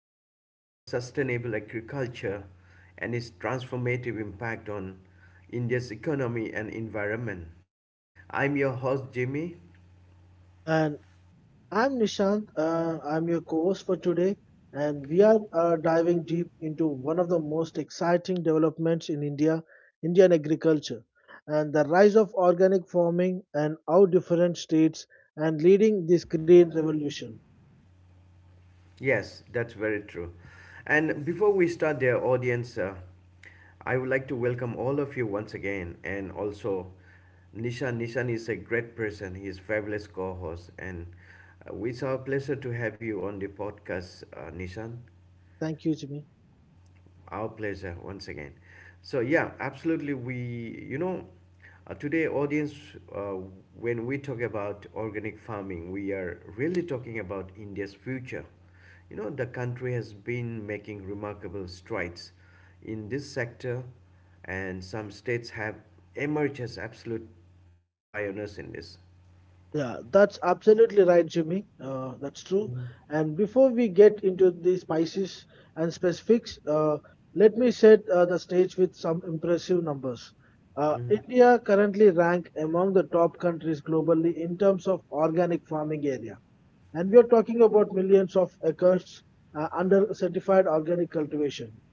we explore sustainable agriculture and its transformative impact on India's economy and environment. I'm your host, Jimmy. And I'm Nishant. I'm your co host for today. And we are diving deep into one of the most exciting developments in Indian agriculture and the rise of organic farming and how different states and leading this green revolution. Yes, that's very true. And before we start, dear audience, I would like to welcome all of you once again and also Nishan. Is a great person. He is fabulous co host, and it's our pleasure to have you on the podcast, Nishan. Thank you, Jimmy. Our pleasure once again. So yeah, absolutely. We today audience, uh, when we talk about organic farming, we are really talking about India's future. You know, the country has been making remarkable strides in this sector, and some states have emerged as absolute pioneers in this. Yeah, that's absolutely right, Jimmy. That's true. And before we get into the spices and specifics, let me set the stage with some impressive numbers. Mhm. India currently rank among the top countries globally in terms of organic farming area, and we are talking about millions of acres under certified organic cultivation.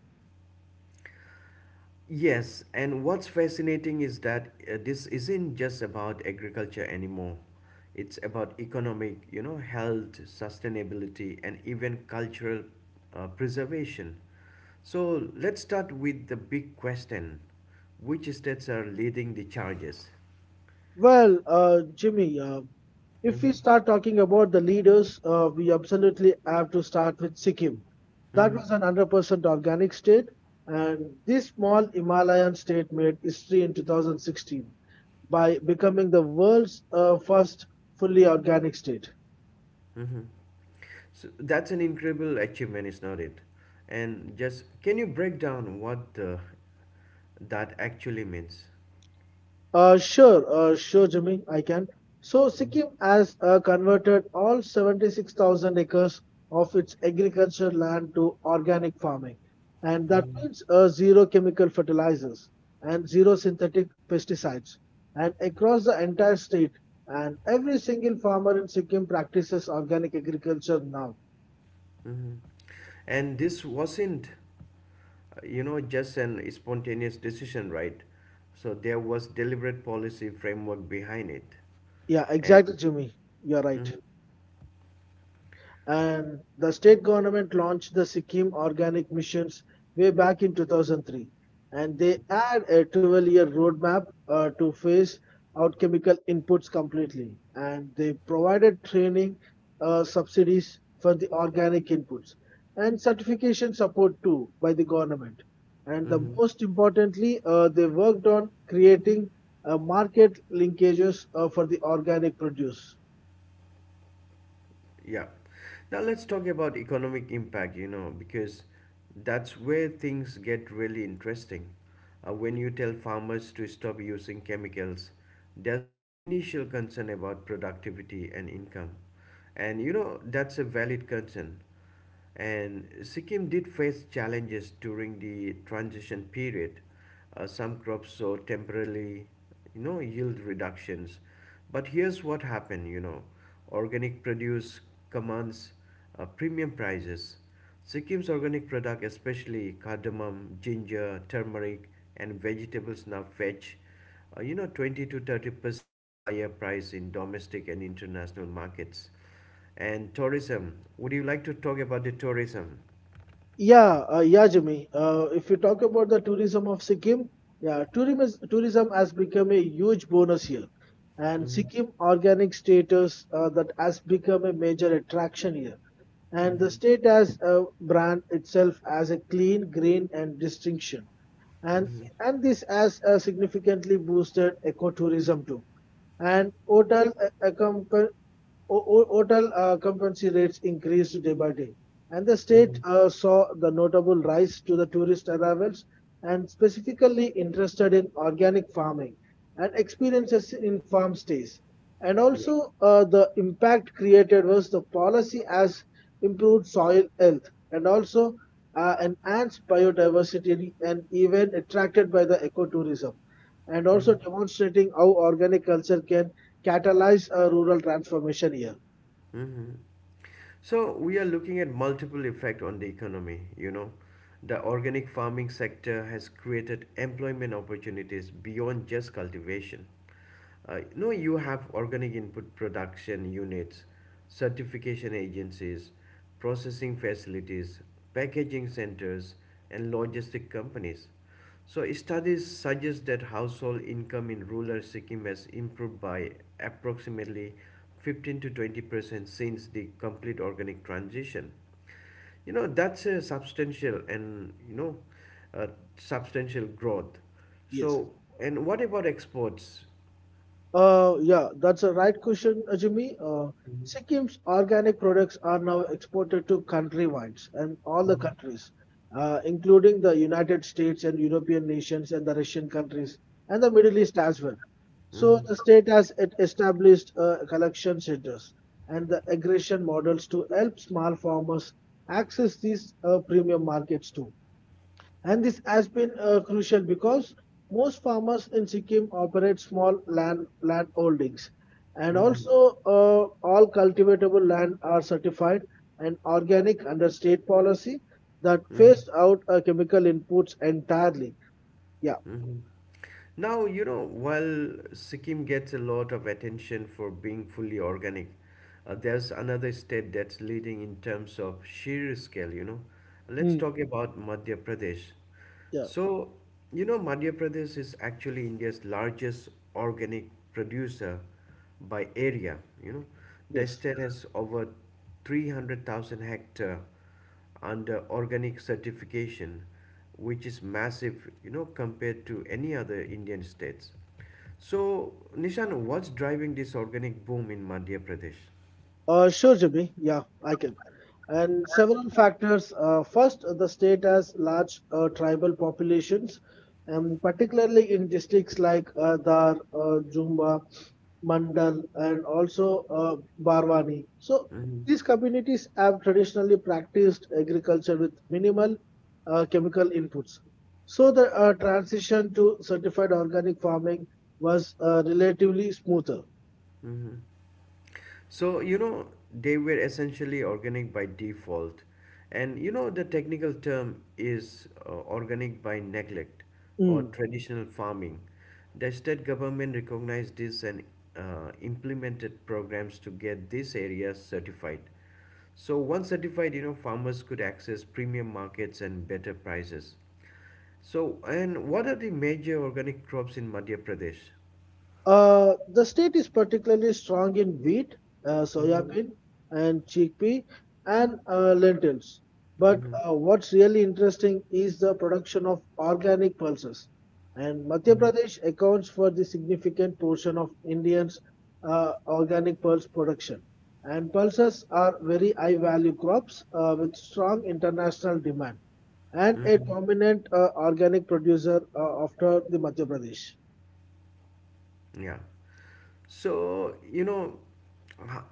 Yes, and what's fascinating is that this isn't just about agriculture anymore. It's about economic, you know, health, sustainability, and even cultural preservation. So let's start with the big question: Which states are leading the charges? Well, Jimmy, if we Mm-hmm. start talking about the leaders, we absolutely have to start with Sikkim. That Mm-hmm. was an 100% organic state, and this small Himalayan state made history in 2016 by becoming the world's first fully organic state. Mm-hmm. So that's an incredible achievement, is not it? And just can you break down what that actually means? Sure, Jimmy, I can. So Mm-hmm. Sikkim has converted all 76,000 acres of its agricultural land to organic farming, and that Mm-hmm. means zero chemical fertilizers and zero synthetic pesticides. And across the entire state, and every single farmer in Sikkim practices organic agriculture now. Mhm. And this wasn't, you know, just an spontaneous decision, right? So there was deliberate policy framework behind it. Yeah, And exactly, Jimmy. You're right. mhm, And the state government launched the Sikkim Organic Missions way back in 2003. And they had a 12-year roadmap to phase out chemical inputs completely. And they provided training subsidies for the organic inputs and certification support too by the government. And the mhm, most importantly, they worked on creating market linkages for the organic produce. yeah. Now let's talk about economic impact, you know, because that's where things get really interesting. When you tell farmers to stop using chemicals, there's an initial concern about productivity and income. And you know, that's a valid concern. And Sikkim did face challenges during the transition period. Some crops saw temporarily, you know, yield reductions. But here's what happened, you know, organic produce commands premium prices. Sikkim's organic product, especially cardamom, ginger, turmeric, and vegetables, now fetch, you know, 20 to 30% higher price in domestic and international markets and tourism. Would you like to talk about the tourism? Yeah, Jimmy. If you talk about the tourism of Sikkim, yeah, tourism has become a huge bonus here, and Mm-hmm. Sikkim organic status that has become a major attraction here. And the Mm-hmm. state has brand itself as a clean, green, and distinction and Mm-hmm. This has significantly boosted ecotourism too. And hotel accompan- ho- ho- hotel occupancy rates increased day by day. And the state Mm-hmm. Saw the notable rise to the tourist arrivals and specifically interested in organic farming and experiences in farm stays. And Yeah. also, the impact created was the policy has improved soil health and also and enhanced biodiversity and even attracted by the ecotourism, and also Mm-hmm. demonstrating how organic culture can catalyze a rural transformation here. Mm-hmm. So we are looking at multiple effect on the economy, you know. The organic farming sector has created employment opportunities beyond just cultivation. No, you have organic input production units, certification agencies, processing facilities, packaging centers, and logistic companies. So, studies suggest that household income in rural Sikkim has improved by approximately 15 to 20% since the complete organic transition. You know, that's a substantial and you know uh, substantial growth. Yes. So, and what about exports? Yeah, that's a right question, Ajumi. Sikkim's organic products are now exported to country wines and all the Mhm, countries, including the United States and European nations and the Russian countries and the Middle East as well. So mhm, the state has it established collection centers and the aggregation models to help small farmers access these premium markets too. And this has been crucial because most farmers in Sikkim operate small land holdings, and mhm, also all cultivatable land are certified and organic under state policy that mhm, phased out chemical inputs entirely. Yeah. mhm. Now, you know, while Sikkim gets a lot of attention for being fully organic, there's another state that's leading in terms of sheer scale, you know. Let's Mm. talk about Madhya Pradesh. Yeah. So, you know, Madhya Pradesh is actually India's largest organic producer by area, you know. The Yes. state has over 300,000 hectare under organic certification, which is massive, you know, compared to any other Indian states. So, Nishan, what's driving this organic boom in Madhya Pradesh? Sure, Jimmy. Yeah, I can. And several factors. First, the state has large tribal populations, and particularly in districts like Dhar, Jumba, Mandal, and also Barwani. So Mm-hmm. these communities have traditionally practiced agriculture with minimal chemical inputs. So the transition to certified organic farming was relatively smoother. Mm-hmm. So, you know, they were essentially organic by default. And you know, the technical term is organic by neglect or Hmm. traditional farming. The state government recognized this and implemented programs to get these areas certified. So, once certified, you know, farmers could access premium markets and better prices. So, and what are the major organic crops in Madhya Pradesh? The state is particularly strong in wheat, Mm-hmm. soybean, and chickpea, and lentils. But Mm-hmm. What's really interesting is the production of organic pulses. And Madhya Pradesh accounts for the significant portion of Indians' organic pulse production. And pulses are very high value crops with strong international demand and a Mm-hmm. prominent organic producer after the Madhya Pradesh. Yeah. So, you know, how,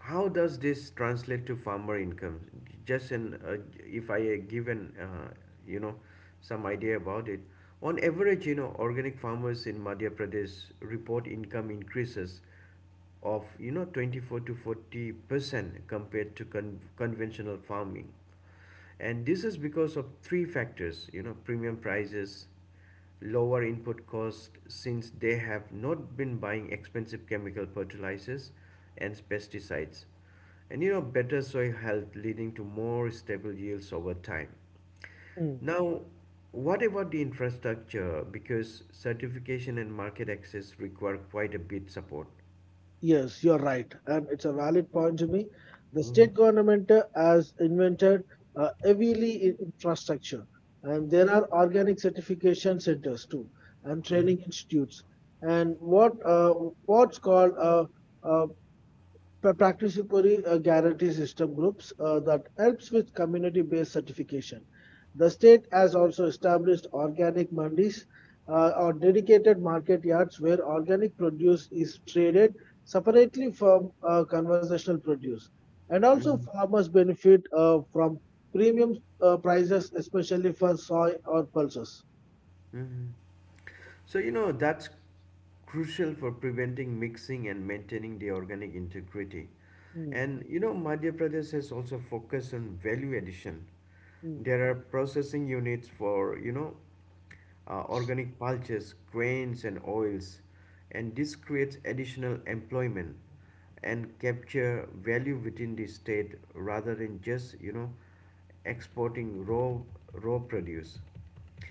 how does this translate to farmer income? Just an, if I give an, you know, some idea about it. On average, you know, organic farmers in Madhya Pradesh report income increases of, you know, 24 to 40% compared to conventional farming. And this is because of three factors, you know: premium prices, lower input cost since they have not been buying expensive chemical fertilizers and pesticides, and you know better soil health leading to more stable yields over time. Now what about the infrastructure, because certification and market access require quite a bit support? Yes, you're right, and it's a valid point, Jimmy. The Mhm, state government has invented heavily in infrastructure, and there are organic certification centers too, and training institutes, and what what's called uh, participatory guarantee system groups that helps with community-based certification. The state has also established organic mandis or dedicated market yards where organic produce is traded separately from conventional produce. And also mhm, farmers benefit from premium prices, especially for soy or pulses. mhm. So, you know, that's crucial for preventing mixing and maintaining the organic integrity. Mm, And, you know, Madhya Pradesh has also focused on value addition. mm, There are processing units for, you know, organic pulses, grains, and oils, and this creates additional employment and capture value within the state rather than just you know exporting raw produce.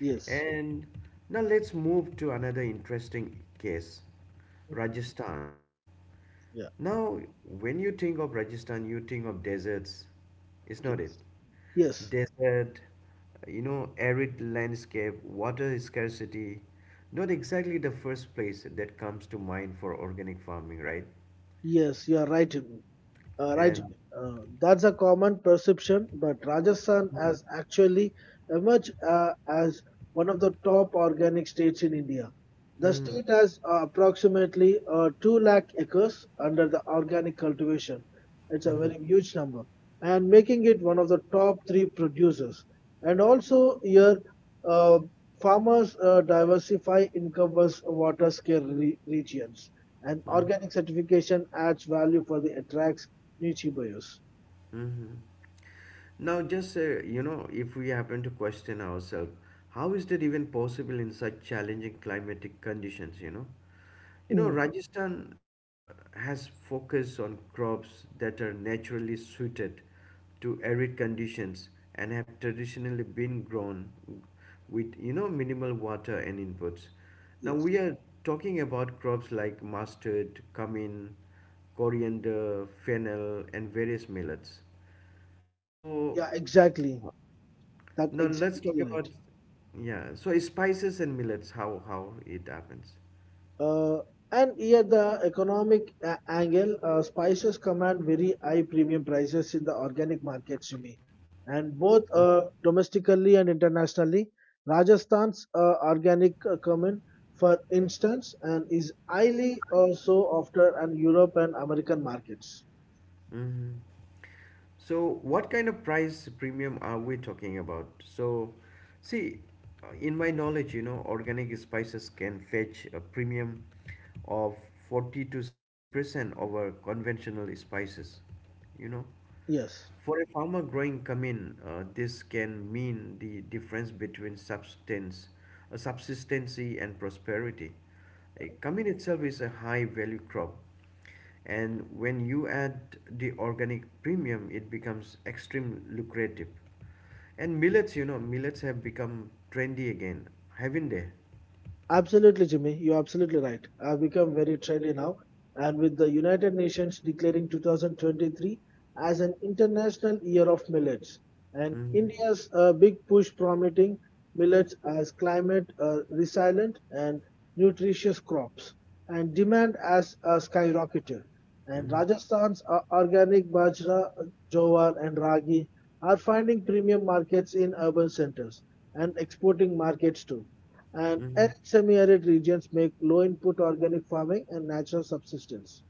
yes, And now let's move to another interesting case: mm, Rajasthan. yeah, Now, when you think of Rajasthan, you think of deserts, is not it? yes, yes, Desert, you know, arid landscape, water scarcity. Not exactly the first place that comes to mind for organic farming, right? yes, you are right. Right, And. Jimmy. That's a common perception, but Rajasthan Mhm. has actually emerged as one of the top organic states in India. The Mhm. state has approximately 2 lakh acres under the organic cultivation. It's a Mhm. very huge number and making it one of the top three producers. And also here, uh, farmers diversify income was water scarce regions. And Mhm. organic certification adds value for the attracts Nietzsche bias. Mhm. Now, just you know, if we happen to question ourselves, how is that even possible in such challenging climatic conditions? You know, Mm. Rajasthan has focus on crops that are naturally suited to arid conditions and have traditionally been grown with, you know, minimal water and inputs. Now we Yes. are talking about crops like mustard, cumin, coriander, fennel, and various millets. So Yeah, exactly. That now let's talk exactly right. about, yeah. So spices and millets, how it happens. Uh, and here the economic angle, spices command very high premium prices in the organic market, Shimi. And both domestically and internationally, Rajasthan's organic cumin, for instance, and is highly so after and Europe and American markets. Mm-hmm. So, what kind of price premium are we talking about? So, see, in my knowledge, you know, organic spices can fetch a premium of 40 to 60% over conventional spices, you know. Yes. For a farmer growing cumin, this can mean the difference between subsistency and prosperity. A cumin itself is a high value crop, and when you add the organic premium, it becomes extremely lucrative. And millets, you know, millets have become trendy again, haven't they? Absolutely, Jimmy. You're absolutely right. I've become very trendy now. And with the United Nations declaring 2023 as an International Year of Millets, and Mm-hmm. India's big push promoting millets as climate resilient and nutritious crops, and demand as a skyrocketed. And Mm-hmm. Rajasthan's organic bajra, jowar, and ragi are finding premium markets in urban centers and exporting markets too and Mm-hmm. semi-arid regions make low-input organic farming and natural subsistence.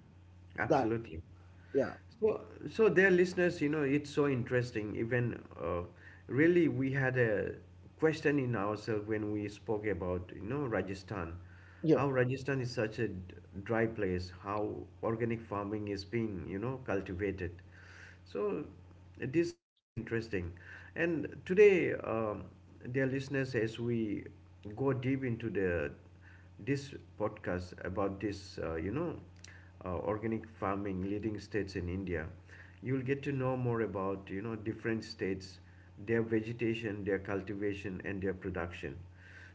That, Absolutely. yeah, So, so dear listeners, you know, it's so interesting. Even really, we had a question in ourselves when we spoke about, you know, Rajasthan, yeah, how Rajasthan is such a dry place, how organic farming is being, you know, cultivated. So, these are very interesting. And today, dear listeners, as we go deep into the this podcast about this, you know organic farming leading states in India, you'll get to know more about you know different states, their vegetation, their cultivation, and their production.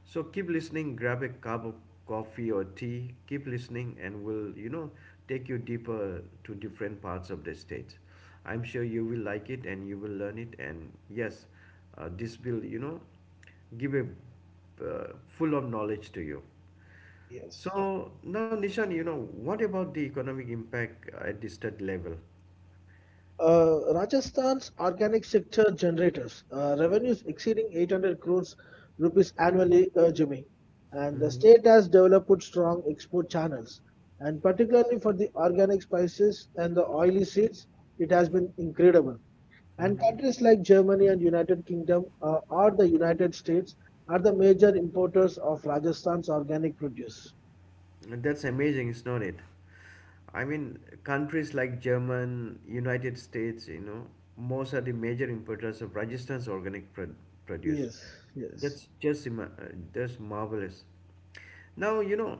So keep listening, grab a cup of coffee or tea, keep listening, and we'll you know take you deeper to different parts of the state. I'm sure you will like it and you will learn it. And yes, this will you know give a full of knowledge to you. yes. So now, Nishan, you know, what about the economic impact at the state level? Rajasthan's organic sector generators revenues exceeding 800 crores rupees annually, Jimmy. And the Hmm. state has developed strong export channels. And particularly for the organic spices and the oily seeds, it has been incredible. And Hmm. countries like Germany and United Kingdom or the United States are the major importers of Rajasthan's organic produce. That's amazing, is not it? I mean, countries like German, United States, you know, most are the major importers of Rajasthan's organic produce. Yes, yes. That's marvelous. Now, you know,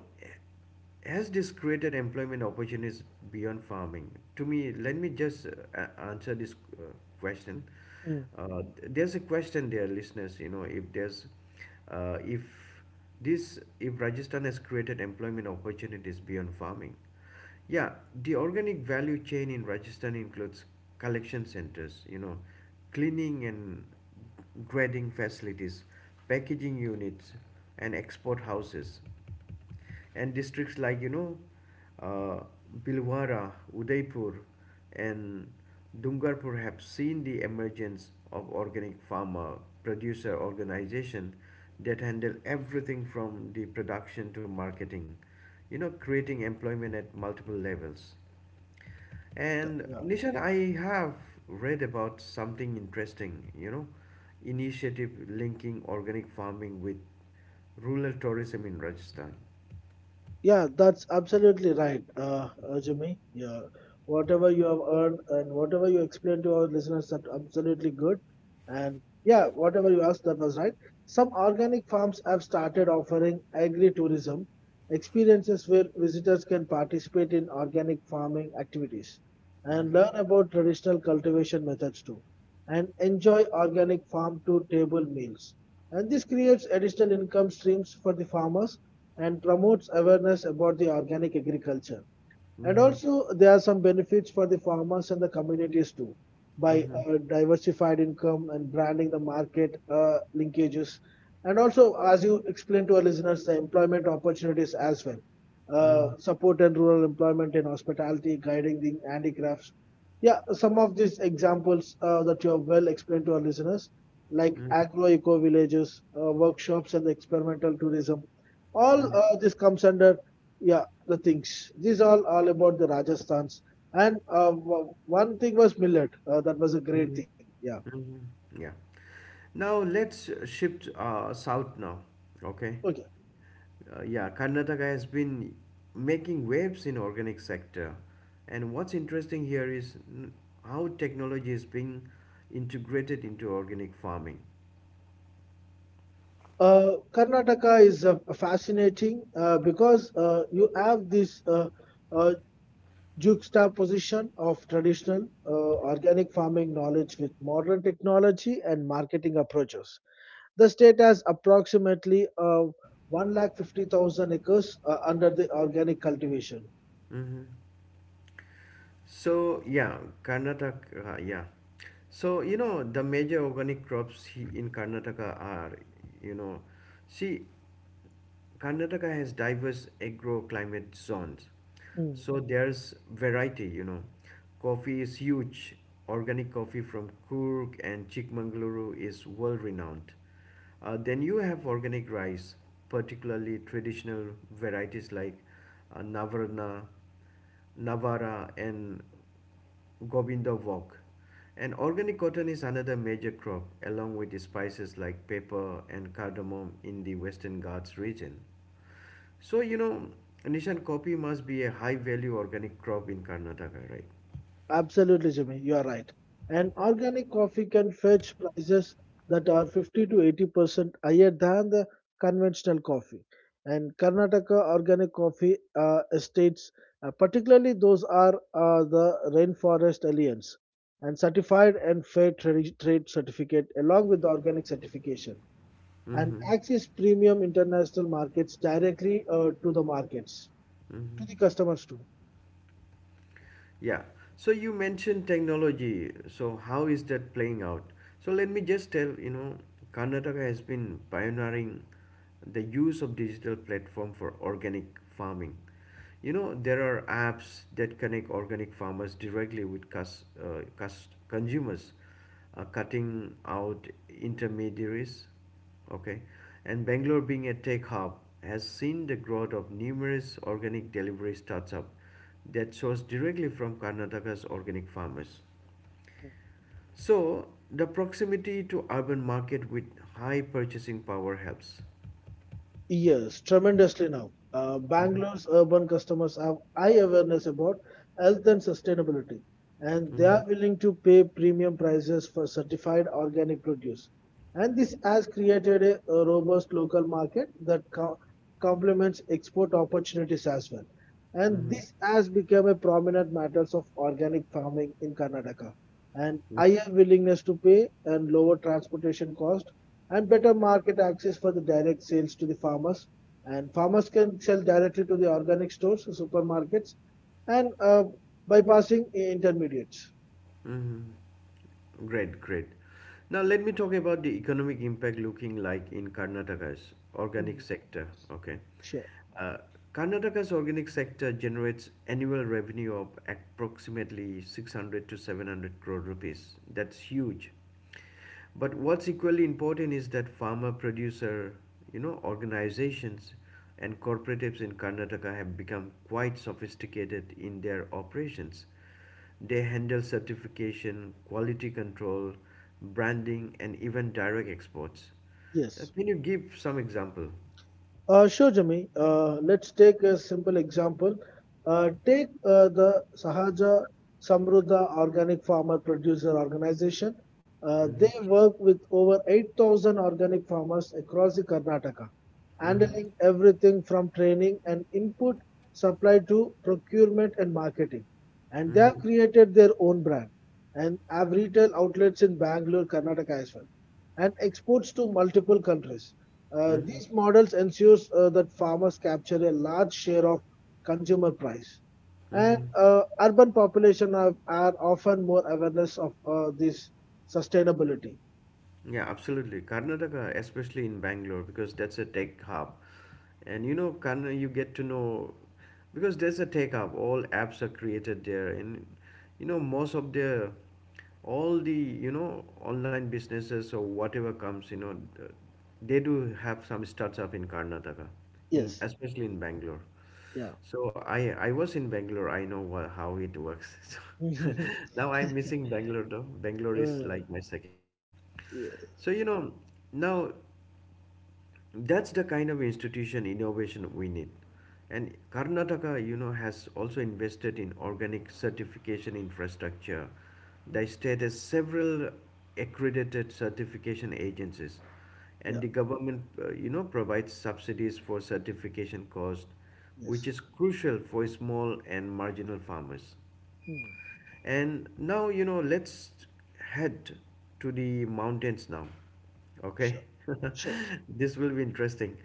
has this created employment opportunities beyond farming? To me, let me just answer this question. Mm. There's a question there, listeners. You know, if there's, if this, if Rajasthan has created employment opportunities beyond farming, yeah, the organic value chain in Rajasthan includes collection centers. You know, cleaning and grading facilities, packaging units, and export houses, and districts like you know uh, Bilwara, Udaipur, and Dungarpur have seen the emergence of organic farmer producer organization that handle everything from the production to marketing, you know, creating employment at multiple levels. And Yeah. Nishan, I have read about something interesting, you know, initiative linking organic farming with rural tourism in Rajasthan. Yeah, that's absolutely right, Jimmy. Yeah, whatever you have earned and whatever you explained to our listeners, that absolutely good. And yeah, whatever you asked, that was right. Some organic farms have started offering agri-tourism experiences where visitors can participate in organic farming activities and Mm-hmm. learn about traditional cultivation methods too and enjoy organic farm to table meals. And this creates additional income streams for the farmers and promotes awareness about the organic agriculture. And Mhm. also, there are some benefits for the farmers and the communities too, by Mhm. Diversified income and branding the market linkages. And also, as you explained to our listeners, the employment opportunities as well. Mhm. Support and rural employment in hospitality, guiding the handicrafts. Yeah, some of these examples that you have well explained to our listeners, like Mhm. agro eco villages, workshops, and the experimental tourism. All Mhm. This comes under yeah the things. These all about the Rajasthans. And one thing was millet. That was a great Mhm. thing. Yeah. Mhm. Yeah. Now let's shift south now. Okay. Okay. Yeah, Karnataka has been making waves in organic sector, and what's interesting here is how technology is being integrated into organic farming. Karnataka is fascinating because you have this uh, juxtaposition of traditional organic farming knowledge with modern technology and marketing approaches. The state has approximately one lakh fifty thousand acres under the organic cultivation. Hmm. So yeah, Karnataka. Yeah. So you know the major organic crops in Karnataka are, you know, see Karnataka has diverse agro-climate zones, so there's variety. You know, coffee is huge. Organic coffee from Coorg and Chikmagaluru is world-renowned. Then you have organic rice, particularly traditional varieties like Navarna, Navara, and Govinda Walk. And organic cotton is another major crop, along with spices like pepper and cardamom in the Western Ghats region. So, you know, Nishan, coffee must be a high value organic crop in Karnataka, right? Absolutely, Jimmy, you are right. And organic coffee can fetch prices that are 50 to 80% higher than the conventional coffee. And Karnataka organic coffee estates, particularly those are the rainforest alliance, and certified and fair trade certificate along with the organic certification, and Hmm. access premium international markets directly to the markets, to the customers too. Yeah. So you mentioned technology. So how is that playing out? So let me just tell, you know, Karnataka has been pioneering the use of digital platform for organic farming. You know, there are apps that connect organic farmers directly with consumers, cutting out intermediaries, okay, and Bangalore being a tech hub has seen the growth of numerous organic delivery startups that source directly from Karnataka's organic farmers. So the proximity to urban market with high purchasing power helps. Yes, tremendously now. Mhm. Bangalore's urban customers have high awareness about health and sustainability, and they are Mhm. willing to pay premium prices for certified organic produce. And this has created a robust local market that complements export opportunities as well. And Mhm. this has become a prominent matter of organic farming in Karnataka. And Mhm. higher willingness to pay and lower transportation cost and better market access for the direct sales to the farmers. And farmers can sell directly to the organic stores, supermarkets, and bypassing intermediates. Mhm. Great, great. Now let me talk about the economic impact looking like in Karnataka's organic Mhm. sector. Okay, Sure. uh, Karnataka's organic sector generates annual revenue of approximately 600 to 700 crore rupees. That's huge. But what's equally important is that farmer producer, you know, organizations and cooperatives in Karnataka have become quite sophisticated in their operations. They handle certification, quality control, branding, and even direct exports. Uh, Yes. Can you give some example? Sure, Jimmy. Let's take a simple example. Take the Sahaja Samruddha Organic Farmer Producer Organization. They Mhm, work with over 8,000 organic farmers across the Karnataka, mhm, handling everything from training and input supply to procurement and marketing. And they have mhm, created their own brand and have retail outlets in Bangalore, Karnataka as well, and exports to multiple countries. Mhm, These models ensures that farmers capture a large share of consumer price, and mhm. Urban population are often more awareness of this sustainability. Yeah, absolutely. Karnataka, especially in Bangalore, because that's a tech hub, and kind of you get to know because there's a take up all apps are created there, and most of the all the online businesses or whatever comes, they do have some startup in Karnataka, in Yes. especially in Bangalore. Yeah. So I was in Bangalore, I know wha how it works. So uh, now I'm missing Bangalore, though Bangalore is like my second home. yeah. So you know, now that's the kind of institution innovation we need. And Karnataka, has also invested in organic certification infrastructure. The state has several accredited certification agencies, and Yeah. the government you know provides subsidies for certification cost, which Yes. is crucial for small and marginal farmers. Hmm. And now, you know, let's head to the mountains now. Okay? Sure. Sure. This will be interesting.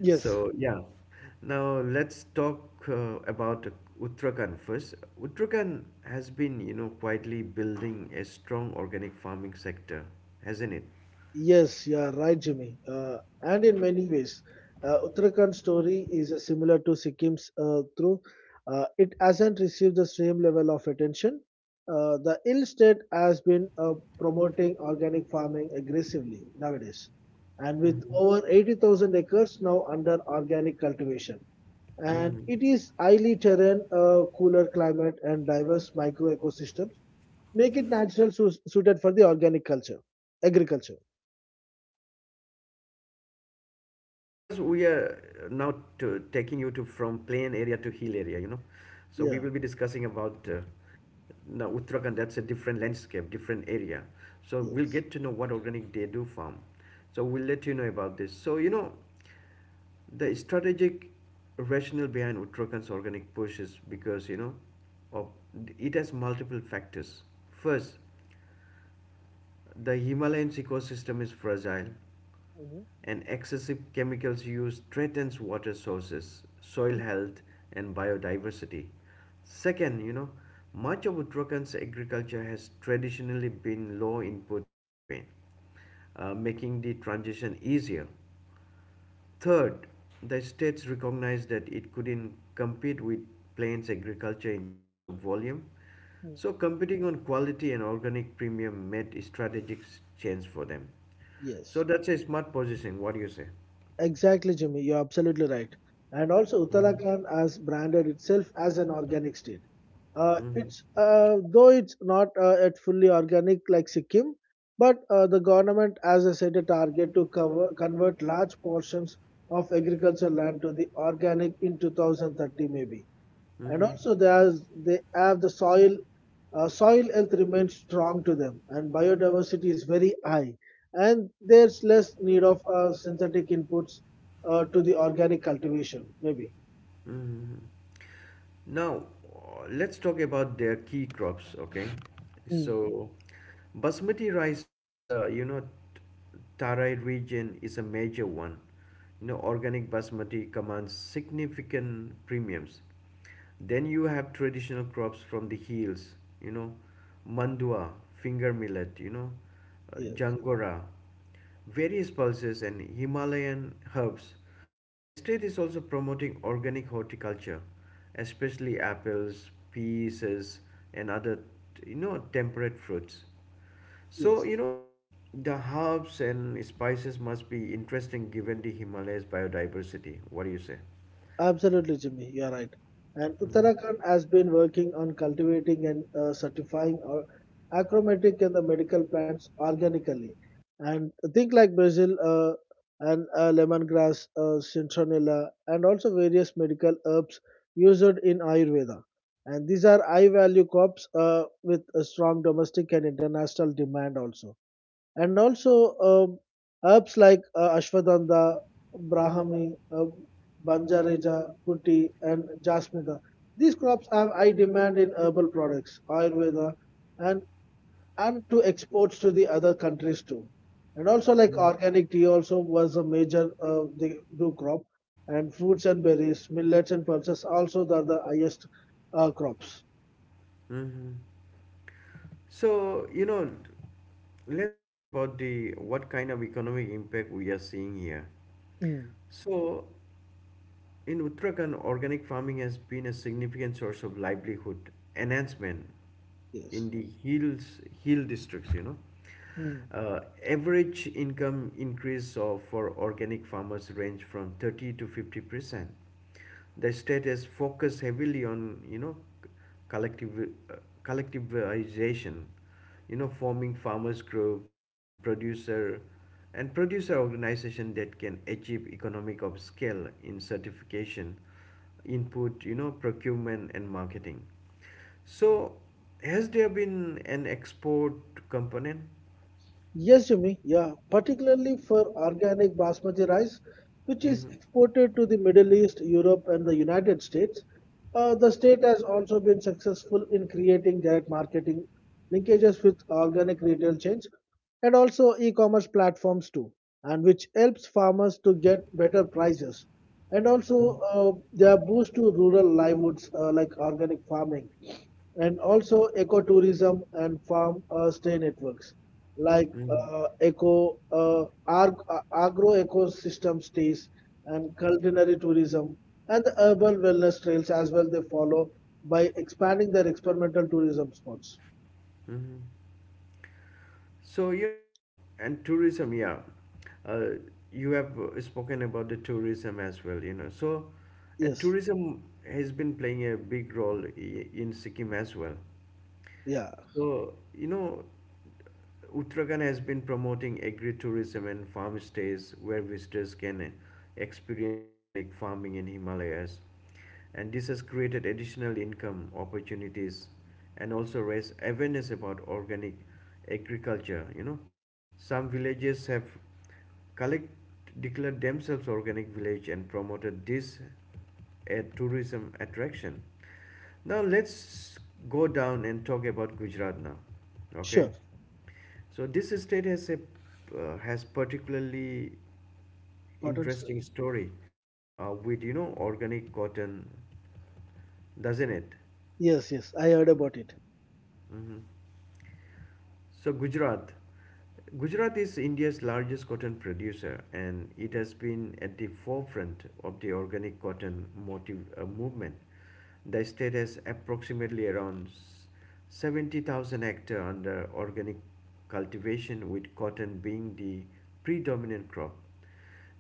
Yes. So, yeah. Now, let's talk about Uttarakhand first. Uttarakhand has been, you know, quietly building a strong organic farming sector, hasn't it? Yes, you are right, Jimmy. And in many ways, Uttarakhand story is similar to Sikkim's through. It hasn't received the same level of attention. The ill state has been promoting organic farming aggressively nowadays, and with over 80,000 acres now under organic cultivation. And Mm-hmm. it is highly terrain, cooler climate, and diverse micro ecosystems make it natural suited for the organic Yeah. agriculture. So, dear listeners, we are now to, taking you to from plain area to hill area. You know, so we will be discussing about Yeah. now Uttarakhand. That's a different landscape, different area. So we'll get to know what Yes. organic they do farm. So we'll let you know about this. So you know, the strategic rationale behind Uttarakhand's organic push is because you know, of, it has multiple factors. First, the Himalayan ecosystem is fragile, Mhm. and excessive chemicals use threatens water sources, soil health, and biodiversity. Second, you know, much of Uttarankhand agriculture has traditionally been low input anyway, making the transition easier. Third, the states recognized that it couldn't compete with plains agriculture in terms of volume, Mhm. so competing on quality and organic premium made strategic sense for them. So Yes, that's a smart position. What do you say? exactly, Jimmy. You're absolutely right. And also, Mhm, Uttarakhand has branded itself as an organic state. It's Though it's not yet fully organic like Sikkim, but the government has a set a target to convert large portions of agricultural land to the organic in 2030, maybe. And mhm, also, there's they have the soil health remains strong to them, and biodiversity is very high, and there's less need of synthetic inputs to the organic cultivation, maybe. mhm. Now, let's talk about their key crops, okay? Mm. So, basmati rice from the, you know, Tarai region is a major one. You know, organic basmati commands significant premiums. Then you have traditional crops from the hills, you know, mandua, finger millet, you know, Yes, jangora, various pulses and Himalayan herbs. The state is also promoting organic horticulture, especially apples, peases, and other you know temperate fruits. So yes. you know the herbs and spices must be interesting given the Himalayas biodiversity. What do you say? Absolutely, Jimmy. You're right. And Mm-hmm. Uttarakhand has been working on cultivating and certifying our achromatic and the medical plants organically. And think like Brazil, and lemongrass, citronella, and also various medical herbs used in Ayurveda. And these are high value crops with a strong domestic and international demand also, and also, herbs like ashwagandha, brahmi, banjareja, kuti, and jasmida. These crops have high demand in herbal products, Ayurveda, and to exports to the other countries too. And also, like organic tea also was a major the do crop, and fruits and berries, millets and pulses also are the highest crops. Mm-hmm. So you know, let's talk about the what kind of economic impact we are seeing here. Mm. So in Uttarakhand, organic farming has been a significant source of livelihood enhancement Yes. in the hills, hill districts, you know. Mm. Average income increase of, for organic farmers range from 30 to 50%. The state has focused heavily on you know collective collectivization, you know, forming farmers group and producer organization that can achieve economic of scale in certification input, you know, procurement and marketing. So has there been an export component? Yes, Jimmy. Yeah, particularly for organic basmati rice, which is Mm-hmm. exported to the Middle East, Europe, and the United States. The state has also been successful in creating direct marketing linkages with organic retail chains and also e-commerce platforms too, and which helps farmers to get better prices. And also, they are boost to rural livelihoods like organic farming and also ecotourism and farm stay networks like agro ecosystem stays and culinary tourism and the urban wellness trails as well they follow by expanding their experimental tourism spots. Hmm. So, you know, and tourism, yeah. Uh, you have spoken about the tourism as well, you know. So, and Yes. tourism has been playing a big role in Sikkim as well. Yeah. So, you know, Uttarakhand has been promoting agritourism and farm stays where visitors can experience organic farming in Himalayas. And this has created additional income opportunities, and also raised awareness about organic agriculture. You know, some villages have collect declared themselves organic village and promoted this a tourism attraction. Now let's go down and talk about Gujarat now. Okay, Sure. so this state has a has particularly Cotton stream. interesting story with you know organic cotton, doesn't it? Yes, yes, I heard about it. Hmm. So Gujarat is India's largest cotton producer, and it has been at the forefront of the organic cotton motive movement. The state has approximately around 70,000 hectare under organic cultivation, with cotton being the predominant crop.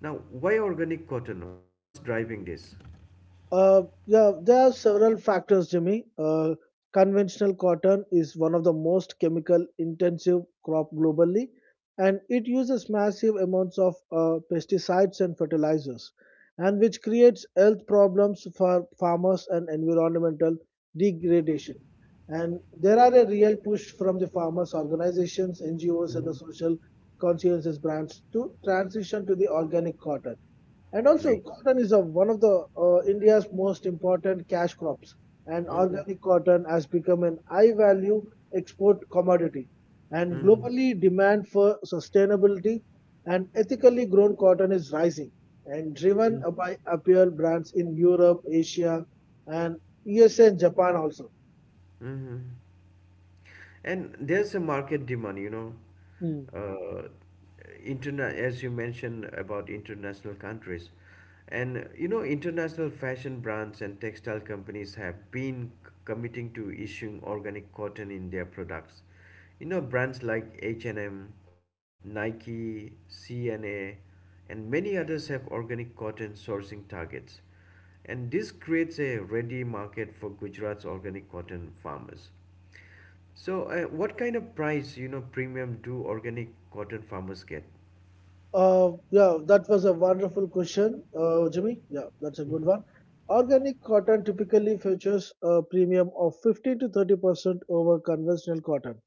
Now, why organic cotton? What's driving this? Yeah, there are several factors, Jimmy. Conventional cotton is one of the most chemical intensive crop globally, and it uses massive amounts of pesticides and fertilizers, and which creates health problems for farmers and environmental degradation. And there are a real push from the farmers' organizations, NGOs, and the Mhm. social consciences brands to transition to the organic cotton. And Yeah. also, cotton is one of the India's most important cash crops, and Hmm. organic cotton has become an high-value export commodity. And globally, demand for sustainability and ethically grown cotton is rising, and driven Hmm. by apparel brands in Europe, Asia, and USA and Japan also. Hmm. And there's a market demand, you know uh, as you mentioned about international countries. And you know international fashion brands and textile companies have been committing to issuing organic cotton in their products. You know brands like H&M, Nike, C and A, and many others have organic cotton sourcing targets, and this creates a ready market for Gujarat's organic cotton farmers. So, what kind of price, you know, premium do organic cotton farmers get? Yeah, that was a wonderful question, Jimmy. Yeah, that's a good one. Organic cotton typically features a premium of 15 to 30% over conventional cotton.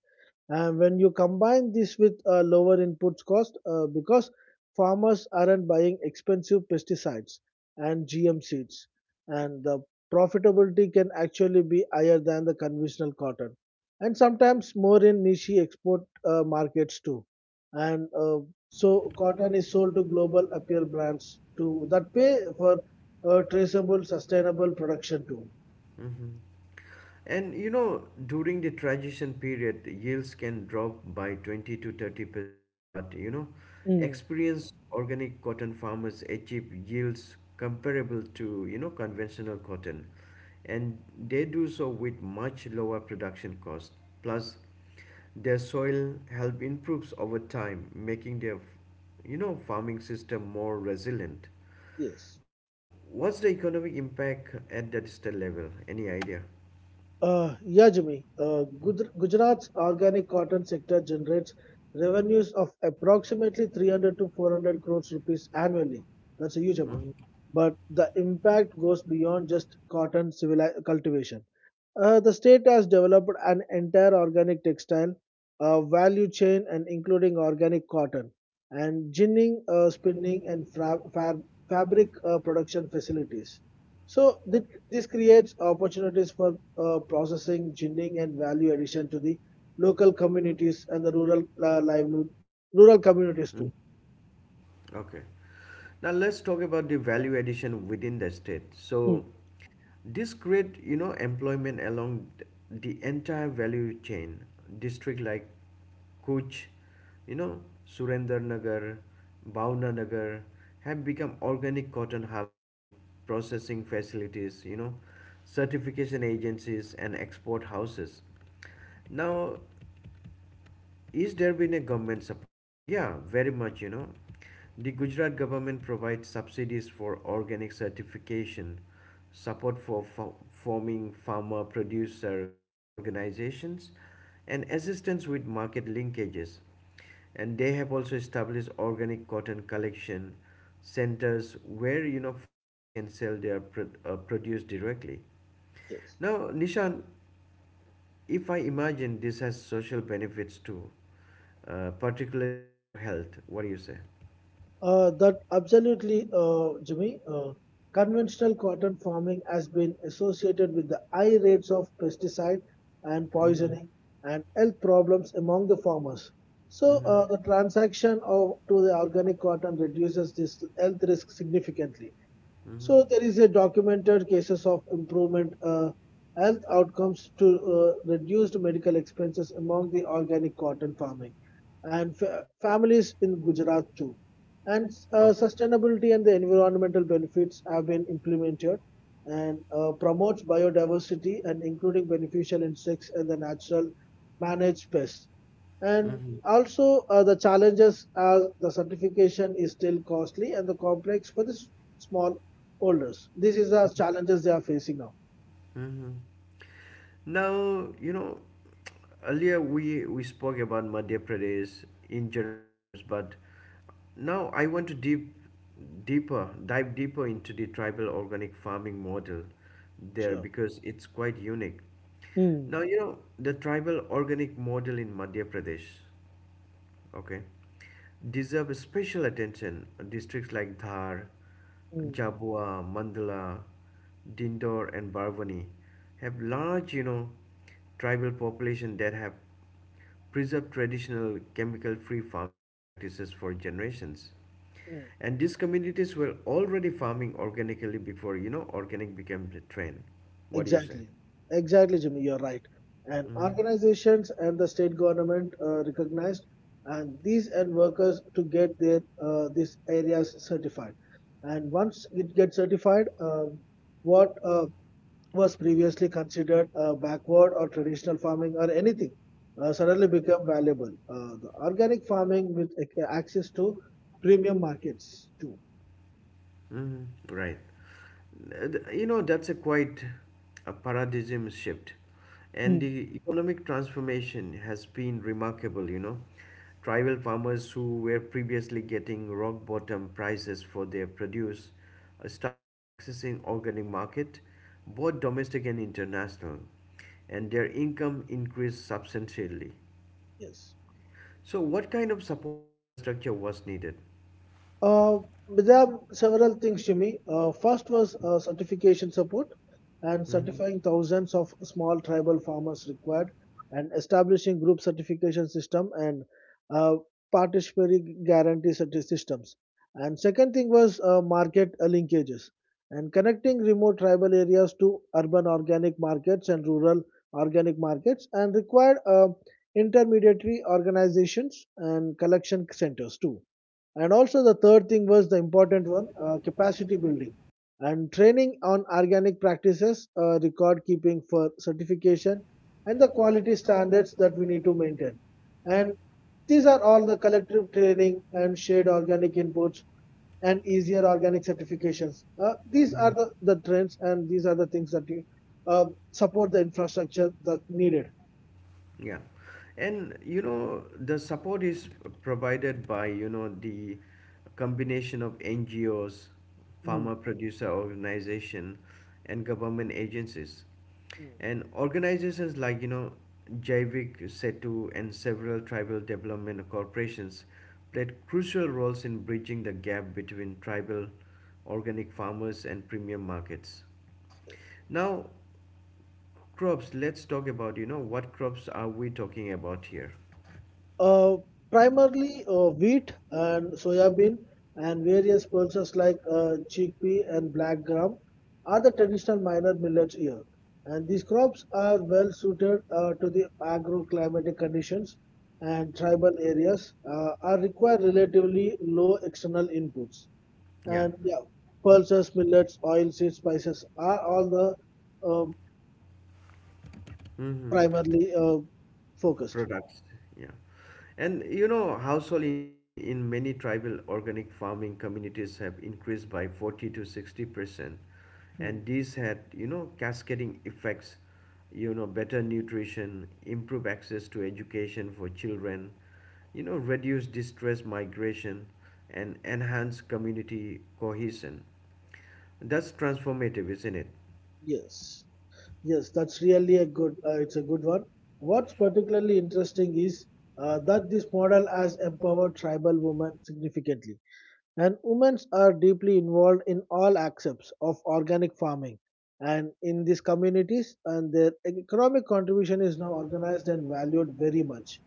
And when you combine this with lower input cost, because farmers aren't buying expensive pesticides and GM seeds, and the profitability can actually be higher than the conventional cotton, and sometimes more in niche export markets too. And so cotton is sold to global apparel brands to that pay for traceable, sustainable production too. Hmm. And you know, during the transition period, yields can drop by 20 to 30%. But you know, Mm. experienced organic cotton farmers achieve yields comparable to you know conventional cotton, and they do so with much lower production cost. Plus, their soil health improves over time, making their you know farming system more resilient. Yes. Now, what's the economic impact at the digital level? Any idea? Yeah, Jimmy. Gujarat's organic cotton sector generates revenues of approximately 300 to 400 crores rupees annually. That's a huge amount. Mhm. But the impact goes beyond just cotton cultivation. The state has developed an entire organic textile value chain and including organic cotton and ginning, spinning and fabric production facilities. So this creates opportunities for processing, ginning and value addition to the local communities and the rural communities too. Okay. Now let's talk about the value addition within the state. Mm. So this create, you know, employment along the entire value chain. District like Kuch, you know, Surendranagar, Bhavnanagar have become organic cotton hubs with processing facilities, you know, certification agencies and export houses. Now, is there been a government support? Yeah, very much, you know. The Gujarat government provides subsidies for organic certification, support for forming farmer producer organizations, and assistance with market linkages. And they have also established organic cotton collection centers where you know farmers can sell their produce directly. Yes. Now, Nishan, if I imagine this has social benefits too, particularly for health. What do you say? That absolutely, Jimmy. Conventional cotton farming has been associated with the high rates of pesticide and Mm-hmm. poisoning and health problems among the farmers. So, Mm-hmm. The transaction of to the organic cotton reduces this health risk significantly. Mm-hmm. So there is a documented cases of improvement health outcomes to reduced medical expenses among the organic cotton farming and families in Gujarat too. And Okay. sustainability and the environmental benefits have been implemented and promotes biodiversity and including beneficial insects and the natural managed pests. And Mm-hmm. also the challenges are the certification is still costly and the complex for the small Olders. This is the challenges they are facing now. Mm-hmm. Now, you know, earlier we spoke about Madhya Pradesh in general terms, but now I want to deeper, dive deeper into the tribal organic farming model there Sure. because it's quite unique. Mm, Now, you know, the tribal organic model in Madhya Pradesh. Okay, deserve special attention. Districts like Dhar, mm, Jabua, Mandala, Dindor, and Barwani have large, you know, tribal population that have preserved traditional chemical-free farming practices for generations. mm. And these communities were already farming organically before, you know, organic became the trend. What do you say? Exactly. Exactly, Jimmy. You're right. And Mm-hmm. organizations and the state government recognized and these and workers to get their these areas certified. And once it gets certified, what was previously considered backward or traditional farming or anything suddenly become valuable. The organic farming with access to premium markets too. Mm, right. You know, that's a quite a paradigm shift. And Mm. the economic transformation has been remarkable, you know. Tribal farmers who were previously getting rock bottom prices for their produce started accessing organic market, both domestic and international, and their income increased substantially. Yes. So what kind of support infrastructure was needed? Uh, but there are several things, Jimmy. First was certification support and Mhm, certifying thousands of small tribal farmers required and establishing group certification system and uh, participatory guarantee systems. And second thing was market linkages and connecting remote tribal areas to urban organic markets and rural organic markets and required intermediary organizations and collection centers too. And also the third thing was the important one, capacity building and training on organic practices, record keeping for certification and the quality standards that we need to maintain. And these are all the collective training and shared organic inputs and easier organic certifications. These are mhm. the trends and these are the things that you, uh, support the infrastructure that needed. Yeah. And you know, the support is provided by, you know, the combination of NGOs, Mm. farmer producer organization, and government agencies. Mm. And organizations like, you know, Jaivik Setu and several tribal development corporations played crucial roles in bridging the gap between tribal organic farmers and premium markets. Now, crops, let's talk about, you know, what crops are we talking about here? Uh, primarily wheat and soybean and various pulses like chickpea and black gram are the traditional minor millets here. And these crops are well suited to the agroclimatic conditions and tribal areas are require relatively low external inputs. Yeah. And yeah, pulses, millets, oil seeds, spices are all the um Mm-hmm. primarily focused. Products. Yeah. And you know, household income in many tribal organic farming communities have increased by 40 to 60%. Hmm. And these had, you know, cascading effects, you know, better nutrition, improved access to education for children, you know, reduce distress migration, and enhance community cohesion. That's transformative, isn't it? Yes. Yes, that's really a good, it's a good one. What's particularly interesting is that this model has empowered tribal women significantly. And women are deeply involved in all aspects of organic farming and in these communities and their economic contribution is now organized and valued very much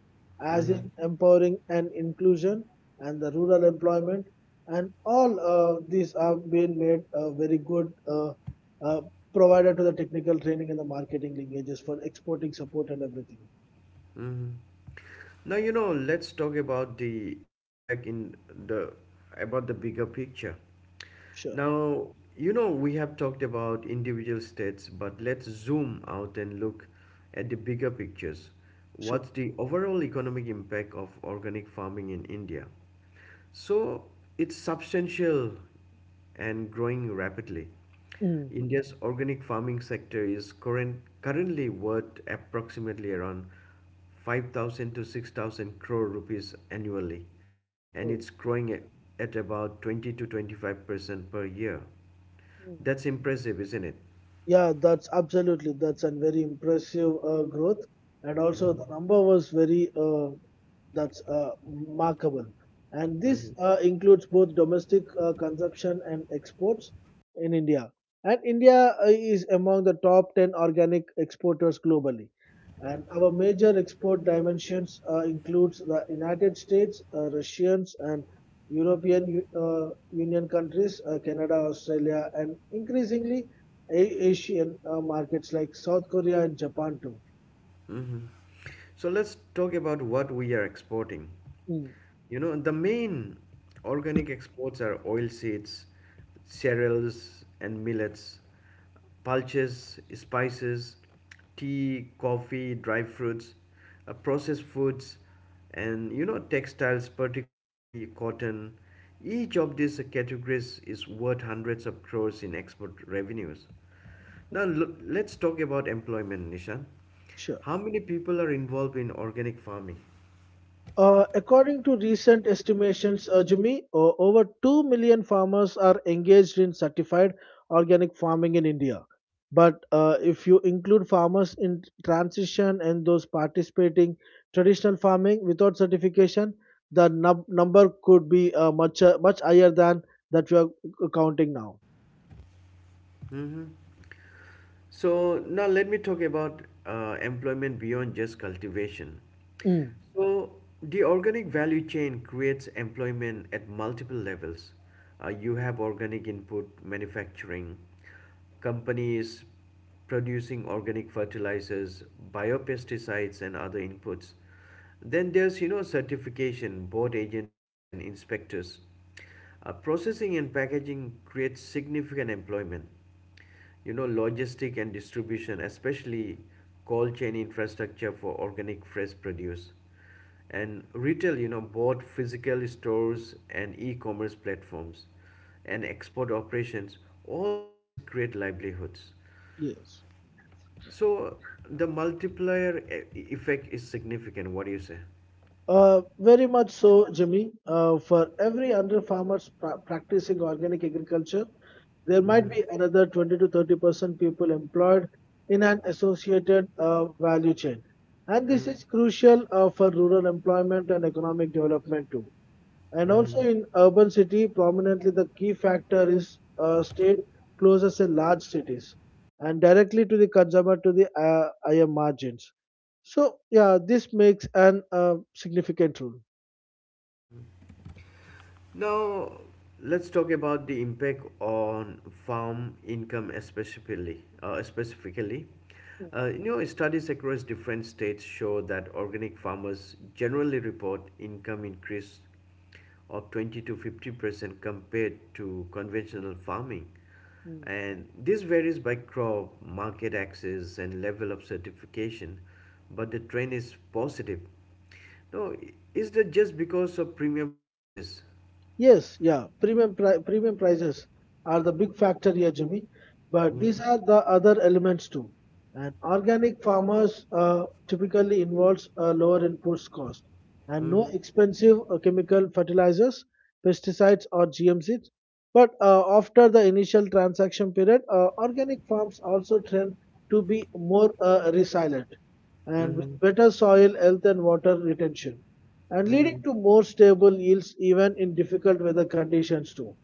as Mm-hmm. in empowering and inclusion and the rural employment and all these have been made very good uh, provided to the technical training and the marketing linkages for exporting support and everything. Mhm. Now you know. Let's talk about the impact in the about the bigger picture. Sure, Now you know we have talked about individual states, but let's zoom out and look at the bigger pictures. sure. What's the overall economic impact of organic farming in India? So it's substantial and growing rapidly. Mm. India's organic farming sector is currently worth approximately around 5,000 to 6,000 crore rupees annually, and Oh. it's growing at about 20 to 25% per year. That's impressive, isn't it? Yeah, that's absolutely. That's a very impressive growth, and also Mhm. the number was very that's remarkable. And this Mhm. Includes both domestic consumption and exports in India. And India is among the top 10 organic exporters globally. And our major export dimensions includes the United States, Russians, and European Union countries, Canada, Australia, and increasingly Asian markets like South Korea and Japan too. Hmm. So let's talk about what we are exporting. Hmm. You know, the main organic exports are oilseeds, cereals, and millets, pulses, spices, tea, coffee, dry fruits, processed foods, and you know, textiles, particularly cotton. Each of these categories is worth hundreds of crores in export revenues. Now, let's talk about employment, Nishan. Sure. How many people are involved in organic farming? According to recent estimations, Jimmy, over 2 million farmers are engaged in certified organic farming in India. But if you include farmers in transition and those participating traditional farming without certification, the number could be much higher than that you are counting now. So now let me talk about employment beyond just cultivation. Hmm. So the organic value chain creates employment at multiple levels. You have organic input manufacturing companies producing organic fertilizers, biopesticides, and other inputs. Then there's you know certification, board agencies and inspectors. Processing and packaging creates significant employment, you know, logistic and distribution, especially cold chain infrastructure for organic fresh produce, and retail, you know, both physical stores and e-commerce platforms, and export operations. All of this create livelihoods. Yes. So the multiplier effect is significant. What do you say? Very much so, Jimmy. For every under farmers practicing organic agriculture, there might Mm-hmm. be another 20 to 30% people employed in an associated value chain. And this Mm-hmm. is crucial for rural employment and economic development too. And Mm-hmm. also in urban city, prominently the key factor is state closes in large cities and directly to the consumer to the higher margins. So yeah, this makes an significant role. Now, let's talk about the impact on farm income, especially. Specifically, you know, studies across different states show that organic farmers generally report income increase of 20 to 50% compared to conventional farming, and this varies by crop, market access, and level of certification. But the trend is positive. Now, is that just because of premium prices? Yes, yeah. Premium prices are the big factor here, Jimmy. But these Mhm, are the other elements too. And organic farmers typically involves a lower input cost and no mhm, expensive chemical fertilizers, pesticides, or GMCs. But after the initial transaction period, organic farms also trend to be more resilient and with mhm, better soil health and water retention and leading mhm, to more stable yields even in difficult weather conditions too.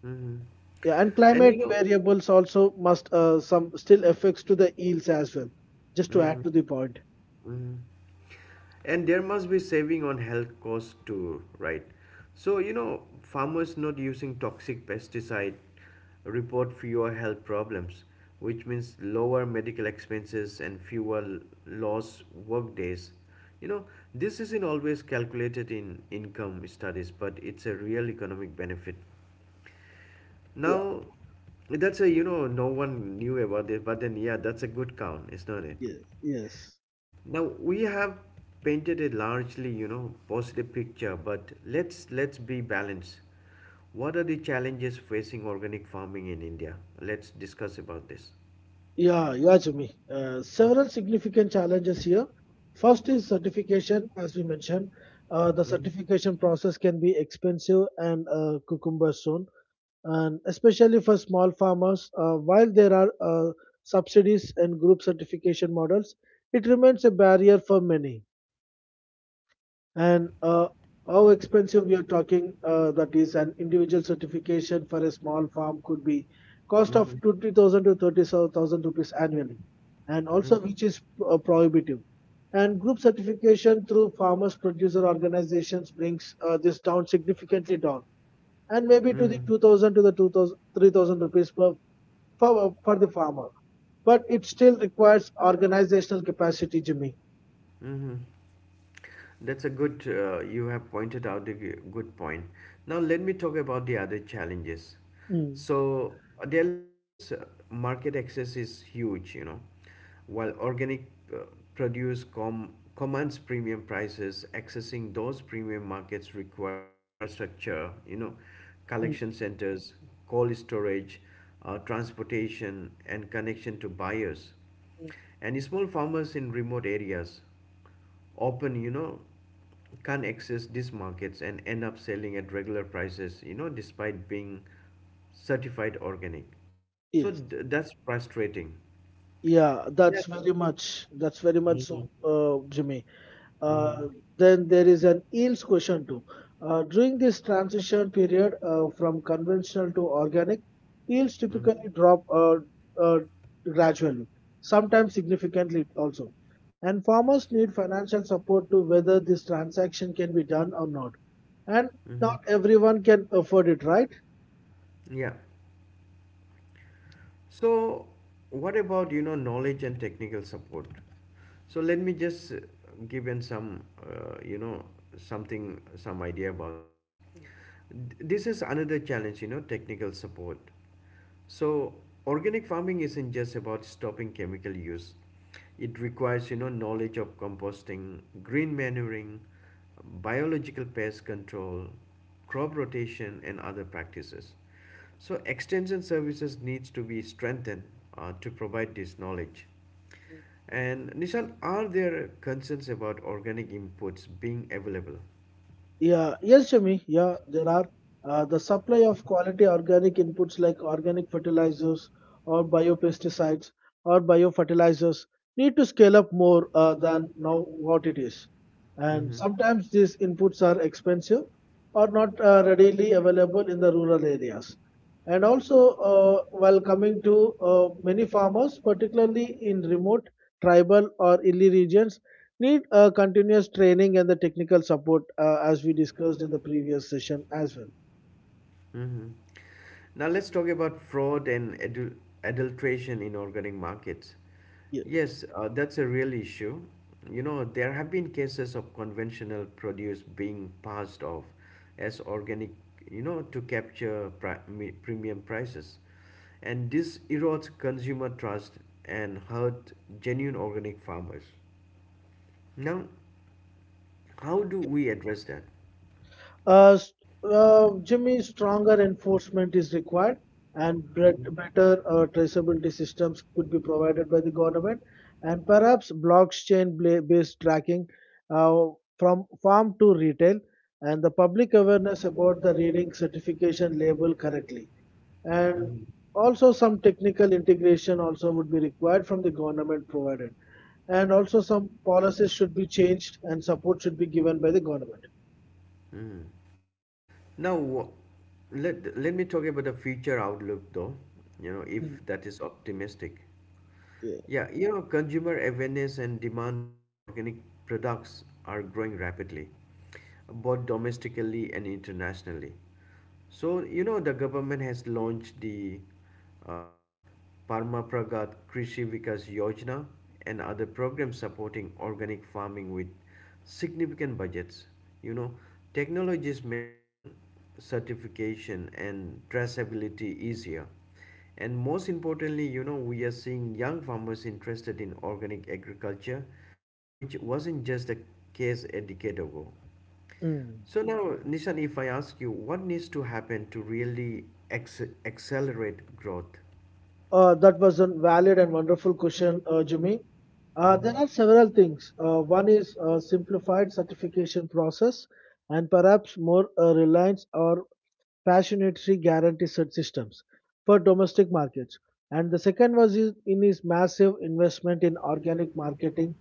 mhm. Yeah, and And you climate know, variables also must some still affects to the yields as well. Just to add Mhm, to the point. mhm. And there must be saving on health costs too, right? So, you know, farmers not using toxic pesticide report fewer health problems, which means lower medical expenses and fewer lost work days. You know, this isn't always calculated in income studies, but it's a real economic benefit. Yeah. Now, that's a, you know, no one knew about it. But then, yeah, that's a good count, isn't it? Yes. Yes. Now, we have painted a largely, you know, positive picture, but let's be balanced. What are the challenges facing organic farming in India? Let's discuss about this. Yeah, yeah, Jimmy. Several significant challenges here. First is certification, as we mentioned. The Mm-hmm. certification process can be expensive and cucumber soon. And especially for small farmers, while there are subsidies and group certification models, it remains a barrier for many. And how expensive we are talking, that is, an individual certification for a small farm could be cost Mm-hmm. of 20,000 to 30,000 rupees annually, and also which is prohibitive. And group certification through farmers producer organizations brings this down significantly down and maybe to the Mm-hmm. 2000 to the 2,003 thousand rupees per for the farmer, but it still requires organizational capacity, Jimmy. Mm-hmm. That's a good, you have pointed out a good point. Now, let me talk about the other challenges. Mm, So, dear listeners, market access is huge, you know. While organic uh, produce commands premium prices, accessing those premium markets require infrastructure, you know, mm, collection centers, cold storage, transportation, and connection to buyers. mm. And small farmers in remote areas often, you know, can't access these markets and end up selling at regular prices, you know, despite being certified organic. So Yes, that's frustrating. yeah, yeah th- that's very much so, Mhm. Jimmy. Mhm. Uh, then there is an yields question too. During this transition period, from conventional to organic, yields Mhm. typically drop uh, gradually, sometimes significantly also. And farmers need financial support to whether this transaction can be done or not. And Mhm. not everyone can afford it, right? Yeah. So, what about, you know, knowledge and technical support? So let me just give in some you know something, some idea about this. This is another challenge, you know, technical support. So organic farming isn't just about stopping chemical use. It requires, you know, knowledge of composting, green manuring, biological pest control, crop rotation, and other practices. So extension services needs to be strengthened, to provide this knowledge. And Nishan, are there concerns about organic inputs being available? Yeah, yes, Jimmy. Yeah, there are the supply of quality organic inputs like organic fertilizers or biopesticides or biofertilizers need to scale up more than now what it is. And sometimes these inputs are expensive or not readily available in the rural areas. And also, while coming to many farmers, particularly in remote, tribal, or hilly regions, need continuous training and the technical support as we discussed in the previous session as well. Hmm. Now let's talk about fraud and adulteration in organic markets. Yes. Yes, that's a real issue. You know, there have been cases of conventional produce being passed off as organic, you know, to capture premium prices. And this erodes consumer trust and hurt genuine organic farmers. Now, how do we address that? Uh, s- Jimmy, stronger enforcement is required and better traceability systems could be provided by the government, and perhaps blockchain based tracking uh, from farm to retail and the public awareness about the reading certification label correctly. And Mm-hmm. also some technical integration also would be required from the government provided, and also some policies should be changed and support should be given by the government. Mm-hmm. Now, let me talk about the future outlook though, you know, if Mm. that is optimistic. Yeah. Yeah, you know, consumer awareness and demand for organic products are growing rapidly, both domestically and internationally. So, you know, the government has launched the uh, Parmapragat Krishi Vikas Yojana and other programs supporting organic farming with significant budgets. You know, technology is making certification and traceability easier. And most importantly, you know, we are seeing young farmers interested in organic agriculture, which wasn't just the case a decade ago. Mm. So now, Nishan, if I ask you, what needs to happen to really accelerate growth? That was a valid and wonderful question, Jimmy. There are several things. One is simplified certification process, and perhaps more reliance or passionately guarantee cert systems for domestic markets. And the second in his massive investment in organic marketing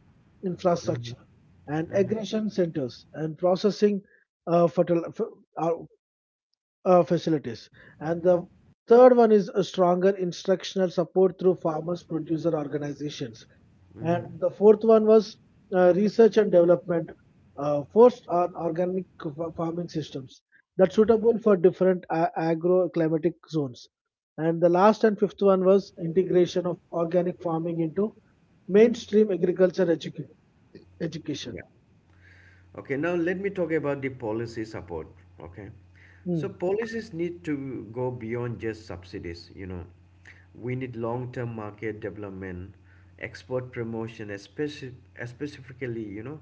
infrastructure Hmm. and aggregation centers and processing uh, fertil- f- uh, facilities. And the third one is a stronger instructional support through farmers producer organizations. And the fourth one was research and development first on organic farming systems that suitable for different agro zones. And the last and fifth one was integration of organic farming into mainstream agriculture education. Okay, now let me talk about the policy support. Okay, so Mm, policies need to go beyond just subsidies. You know, we need long-term market development, export promotion, especially specifically, you know,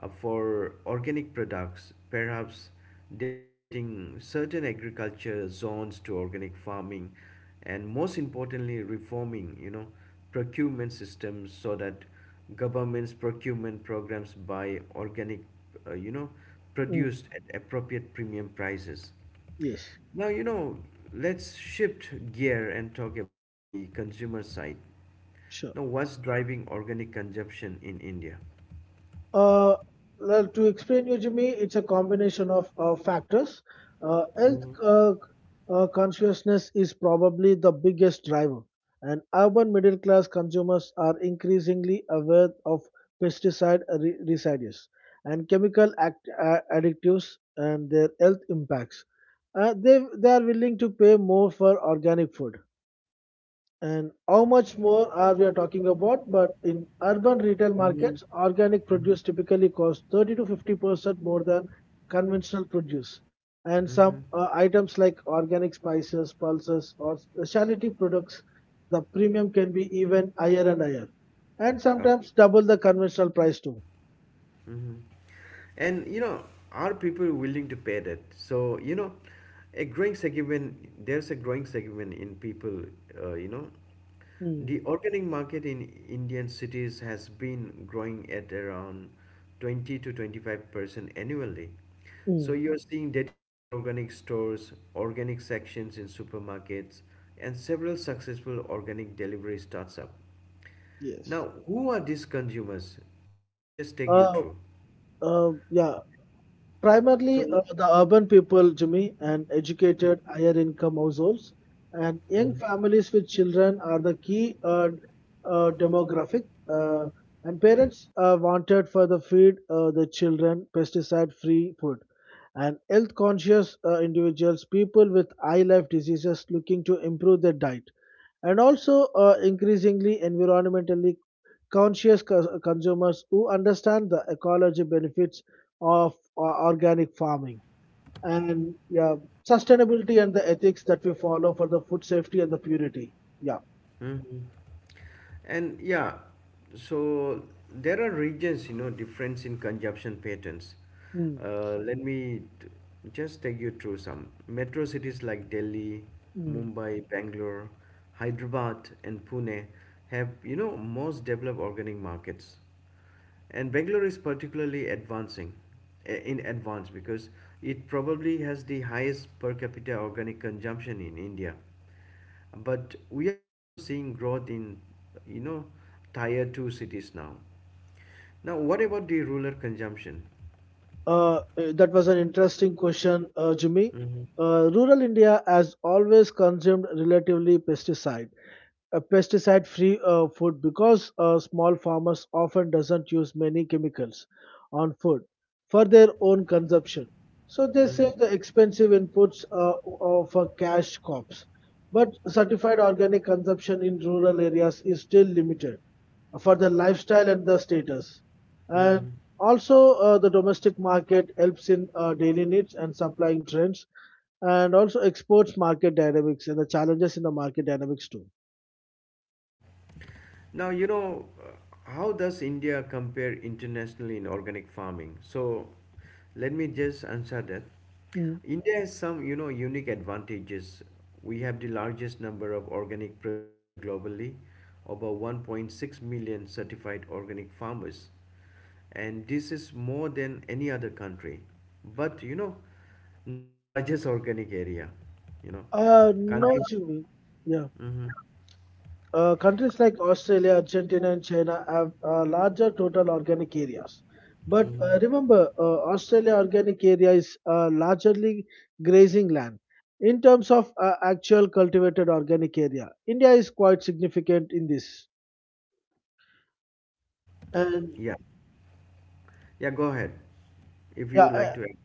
for organic products. Perhaps dedicating certain agriculture zones to organic farming, and most importantly, reforming, you know, procurement systems so that government's procurement programs buy organic, you know, mm, produced at appropriate premium prices. yes, Now, you know, let's shift gear and talk about the consumer side. sure. Now what's driving organic consumption in India? Uh, well, to explain you, Jimmy, it's a combination of factors. Health consciousness is probably the biggest driver, and urban middle class consumers are increasingly aware of pesticide residues and chemical additives and their health impacts. They are willing to pay more for organic food, and how much more are we are talking about, but in urban retail Mm, markets organic produce typically costs 30 to 50% more than conventional produce. And mm-hmm. some items like organic spices, pulses, or specialty products, the premium can be even higher and higher, and Okay. sometimes double the conventional price too. Hmm. And you know, are people willing to pay that? So you know, a growing segment. There's a growing segment in people. You know, Mm, the organic market in Indian cities has been growing at around 20 to 25% annually. So mm. you're seeing dedicated organic stores, organic sections in supermarkets, and several successful organic delivery startups. Yes. Now, who are these consumers? Let me just take you uh, through. Yeah. Primarily, So, the urban people, Jimmy, and educated, higher income households and young families with children are the key demographic. Uh, and parents wanted for the feed the children pesticide-free food. And health-conscious individuals, people with high life diseases looking to improve their diet, and also increasingly environmentally conscious consumers who understand the ecology benefits of organic farming, and yeah, sustainability and the ethics that we follow for the food safety and the purity. Yeah. Mhm. And yeah, so there are regions, you know, difference in consumption patterns. Mm. Uh, let me t- just take you through some. Metro cities like Delhi, Mm. Mumbai, Bangalore, Hyderabad, and Pune have, you know, most developed organic markets. And Bangalore is particularly advancing, in advance, because it probably has the highest per capita organic consumption in India. But we are also seeing growth in, you know, tier 2 cities now. Now what about the rural consumption? Uh, uh, that was an interesting question, Jimmy. Rural India has always consumed relatively pesticide-free food because small farmers often doesn't use many chemicals on food for their own consumption. So they save Hmm. the expensive inputs for cash crops. But certified organic consumption in rural areas is still limited for their lifestyle and their status. And Hmm. also, the domestic market helps in daily needs and supplying trends, and also exports market dynamics and the challenges in the market dynamics too. Now, you know, how does India compare internationally in organic farming? So, let me just answer that. Mm. India has some, you know, unique advantages. We have the largest number of organic producer globally, over 1.6 million certified organic farmers. And this is more than any other country. But, you know, not the largest organic area, you know. No, Countries. Jimmy. Yeah. Hmm. Countries like Australia, Argentina, and China have larger total organic areas. But Hmm. Remember, Australia organic area is largely grazing land. In terms of actual cultivated organic area, India is quite significant in this. And Yeah. Yeah, go ahead, if you would like yeah, to add.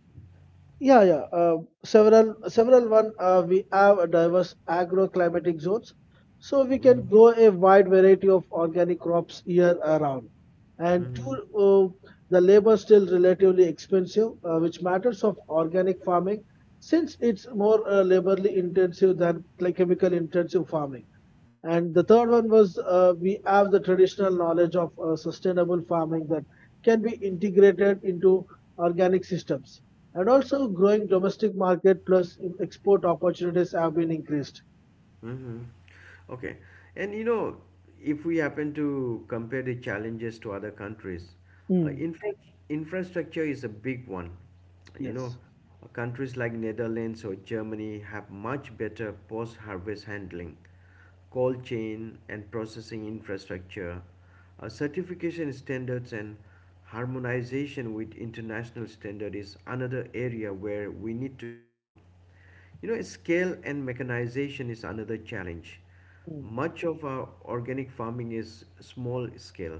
yeah, yeah. Several one. We have diverse agroclimatic zones, so we can Mm-hmm, grow a wide variety of organic crops year around. And mm-hmm, two, the labor still relatively expensive, which matters of organic farming, since it's more laborly intensive than like chemical intensive farming. And mm-hmm. the third one was we have the traditional knowledge of sustainable farming that can be integrated into organic systems. And also, growing domestic market plus export opportunities have been increased. Mm-hmm. Okay. And you know, if we happen to compare the challenges to other countries, uh, Mm, infra- infrastructure is a big one. You know, yes, countries like Netherlands or Germany have much better post-harvest handling, cold chain and processing infrastructure. Certification standards and harmonization with international standard is another area where we need to improve. You know, scale and mechanization is another challenge. mm, Much of our organic farming is small scale,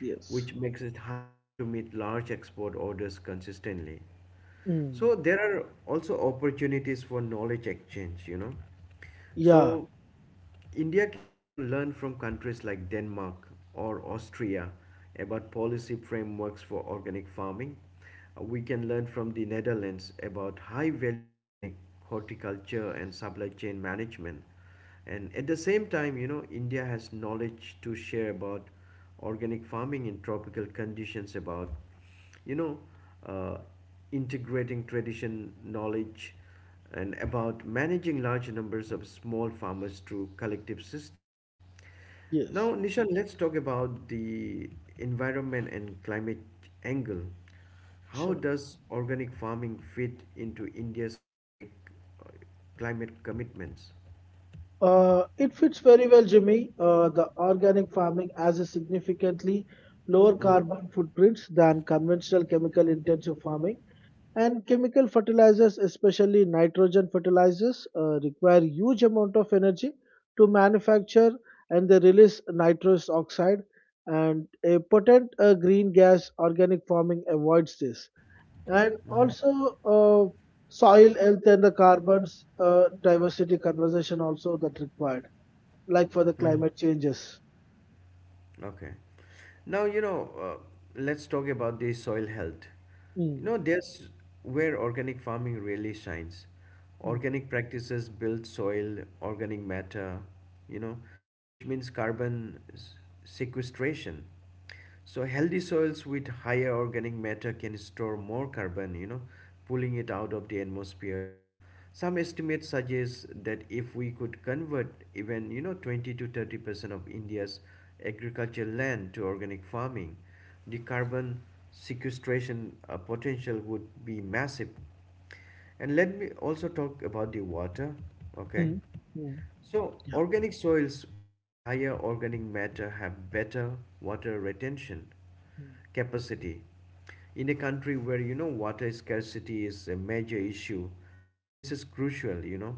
yes, which makes it hard to meet large export orders consistently. So mm. there are also opportunities for knowledge exchange, you know. Yeah, So India can, you know, learn from countries like Denmark or Austria about policy frameworks for organic farming. We can learn from the Netherlands about high value organic horticulture and supply chain management. And at the same time, you know, India has knowledge to share about organic farming in tropical conditions, about you know uh, integrating tradition knowledge, and about managing large numbers of small farmers through collective systems. Now yes, Nishan, let's talk about the environment and climate angle. How sure. does organic farming fit into India's climate, uh, climate commitments? It fits very well, Jimmy. The organic farming has a significantly lower carbon footprints than conventional chemical intensive farming. And chemical fertilizers, especially nitrogen fertilizers, require huge amount of energy to manufacture, and they release nitrous oxide and a potent green gas organic farming avoids this. And Mm-hmm. also uh, soil health and the carbons diversity conversation also that required, like for the Mm-hmm. climate changes. Okay. Now, you know, let's talk about the soil health. You Mm, know, there's where organic farming really shines. mm, Organic practices build soil, organic matter, you know, which means carbon sequestration. So healthy soils with higher organic matter can store more carbon, you know, pulling it out of the atmosphere. Some estimates suggest that if we could convert even, you know, 20 to 30% of India's agricultural land to organic farming, the carbon sequestration, potential would be massive. And let me also talk about the water, okay? mm, mm, So, yeah. organic soils with higher organic matter have better water retention Mm. capacity. In a country where you know water scarcity is a major issue, this is crucial, you know,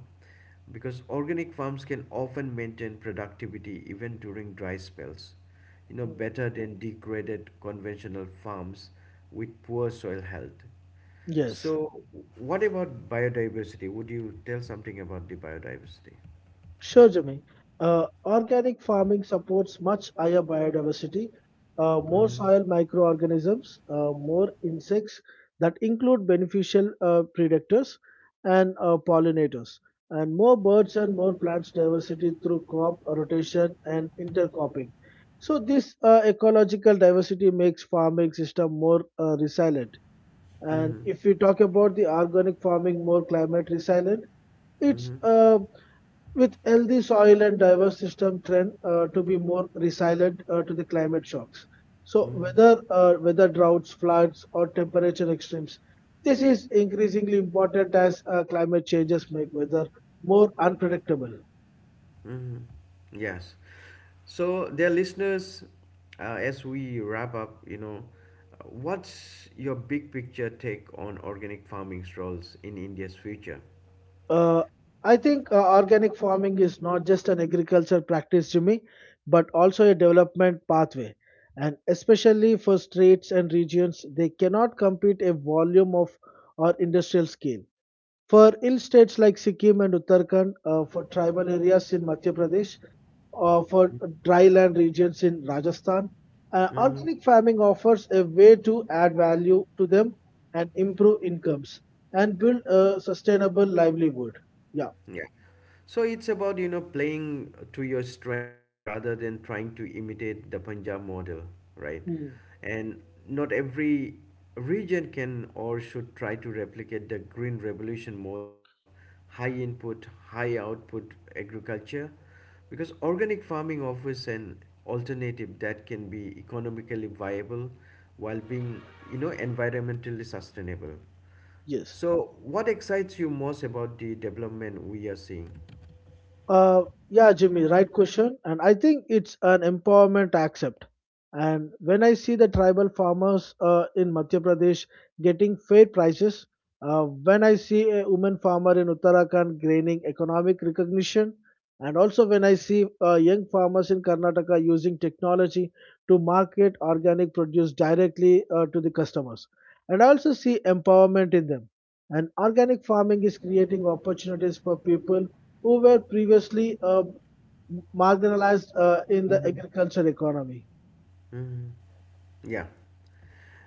because organic farms can often maintain productivity even during dry spells, you know, Mm. better than degraded conventional farms with poor soil health. Yes. So, what about biodiversity? Would you tell something about the biodiversity? Sure, Jimmy. Organic farming supports much higher biodiversity, more Mm. soil microorganisms, more insects that include beneficial predators and pollinators, and more birds and more plants diversity through crop rotation and intercropping. So this ecological diversity makes farming system more resilient. And Mm-hmm. if we talk about the organic farming more climate resilient, it's Mm-hmm. With healthy soil and diverse system trend to be more resilient to the climate shocks. So Mm-hmm. whether weather droughts, floods, or temperature extremes, this is increasingly important as climate changes make weather more unpredictable. Mm-hmm. Yes. So, dear listeners, as we wrap up, you know, what's your big picture take on organic farming's roles in India's future? Uh, I think organic farming is not just an agriculture practice, Jimmy, but also a development pathway. And especially for states and regions, they cannot compete a volume of or industrial scale. For hill states like Sikkim and Uttarakhand, for tribal areas in Madhya Pradesh, for dry land regions in Rajasthan, Mm-hmm. organic farming offers a way to add value to them and improve incomes and build a sustainable livelihood. Yeah. Yeah. So it's about, you know, playing to your strength rather than trying to imitate the Punjab model, right? Hmm. And not every region can or should try to replicate the Green Revolution model of high input, high output agriculture, because organic farming offers an alternative that can be economically viable while being, you know, environmentally sustainable. Yes. So, what excites you most about the development we are seeing? Uh, yeah, Jimmy, right question. And I think it's an empowerment accept. And when I see the tribal farmers in Madhya Pradesh getting fair prices, when I see a woman farmer in Uttarakhand gaining economic recognition, and also when I see young farmers in Karnataka using technology to market organic produce directly to the customers, and I also see empowerment in them. And organic farming is creating opportunities for people who were previously marginalized in the agriculture economy. Yeah.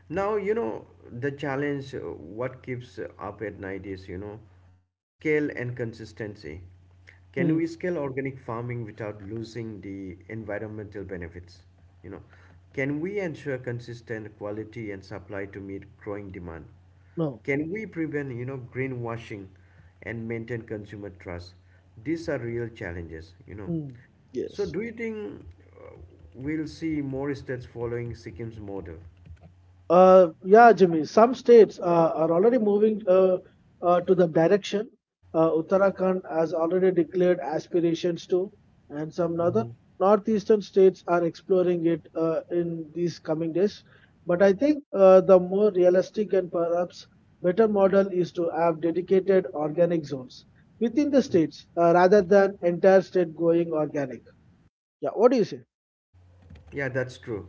Now, you know, the challenge, what keeps up at night is, you know, scale and consistency. Can Mm. we scale organic farming without losing the environmental benefits? You know, can we ensure consistent quality and supply to meet growing demand? No. Can we prevent, you know, greenwashing and maintain consumer trust? These are real challenges, you know. Mm. So, Yes. do you think uh, we'll see more states following Sikkim's model? Yeah, Jimmy. Some states are already moving to the direction. Uttarakhand has already declared aspirations to, and some other Mm-hmm. northeastern states are exploring it in these coming days. But I think the more realistic and perhaps better model is to have dedicated organic zones within the states rather than entire state going organic. Yeah, what do you say? Yeah, that's true.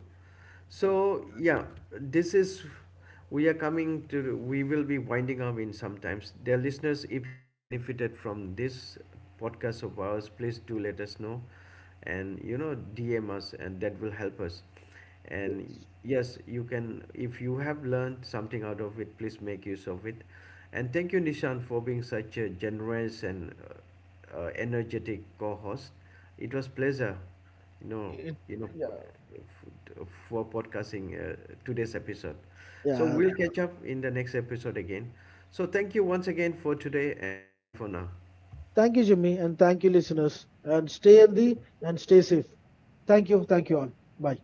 Yeah. So, yeah, this is we are coming to, we will be winding up in sometimes. Dear listeners, if you have benefited from this podcast of ours, please do let us know and you know DM us, and that will help us. And yes, you can, if you have learned something out of it, please make use of it. And thank you Nishan for being such a generous and energetic co-host. It was pleasure, you know, It, you know, yeah, for podcasting today's episode. So yeah. we'll catch up in the next episode again. So thank you once again for today and bye for now. Thank you, Jimmy, and thank you, listeners. And stay healthy and stay safe. Thank you. Thank you all. Bye.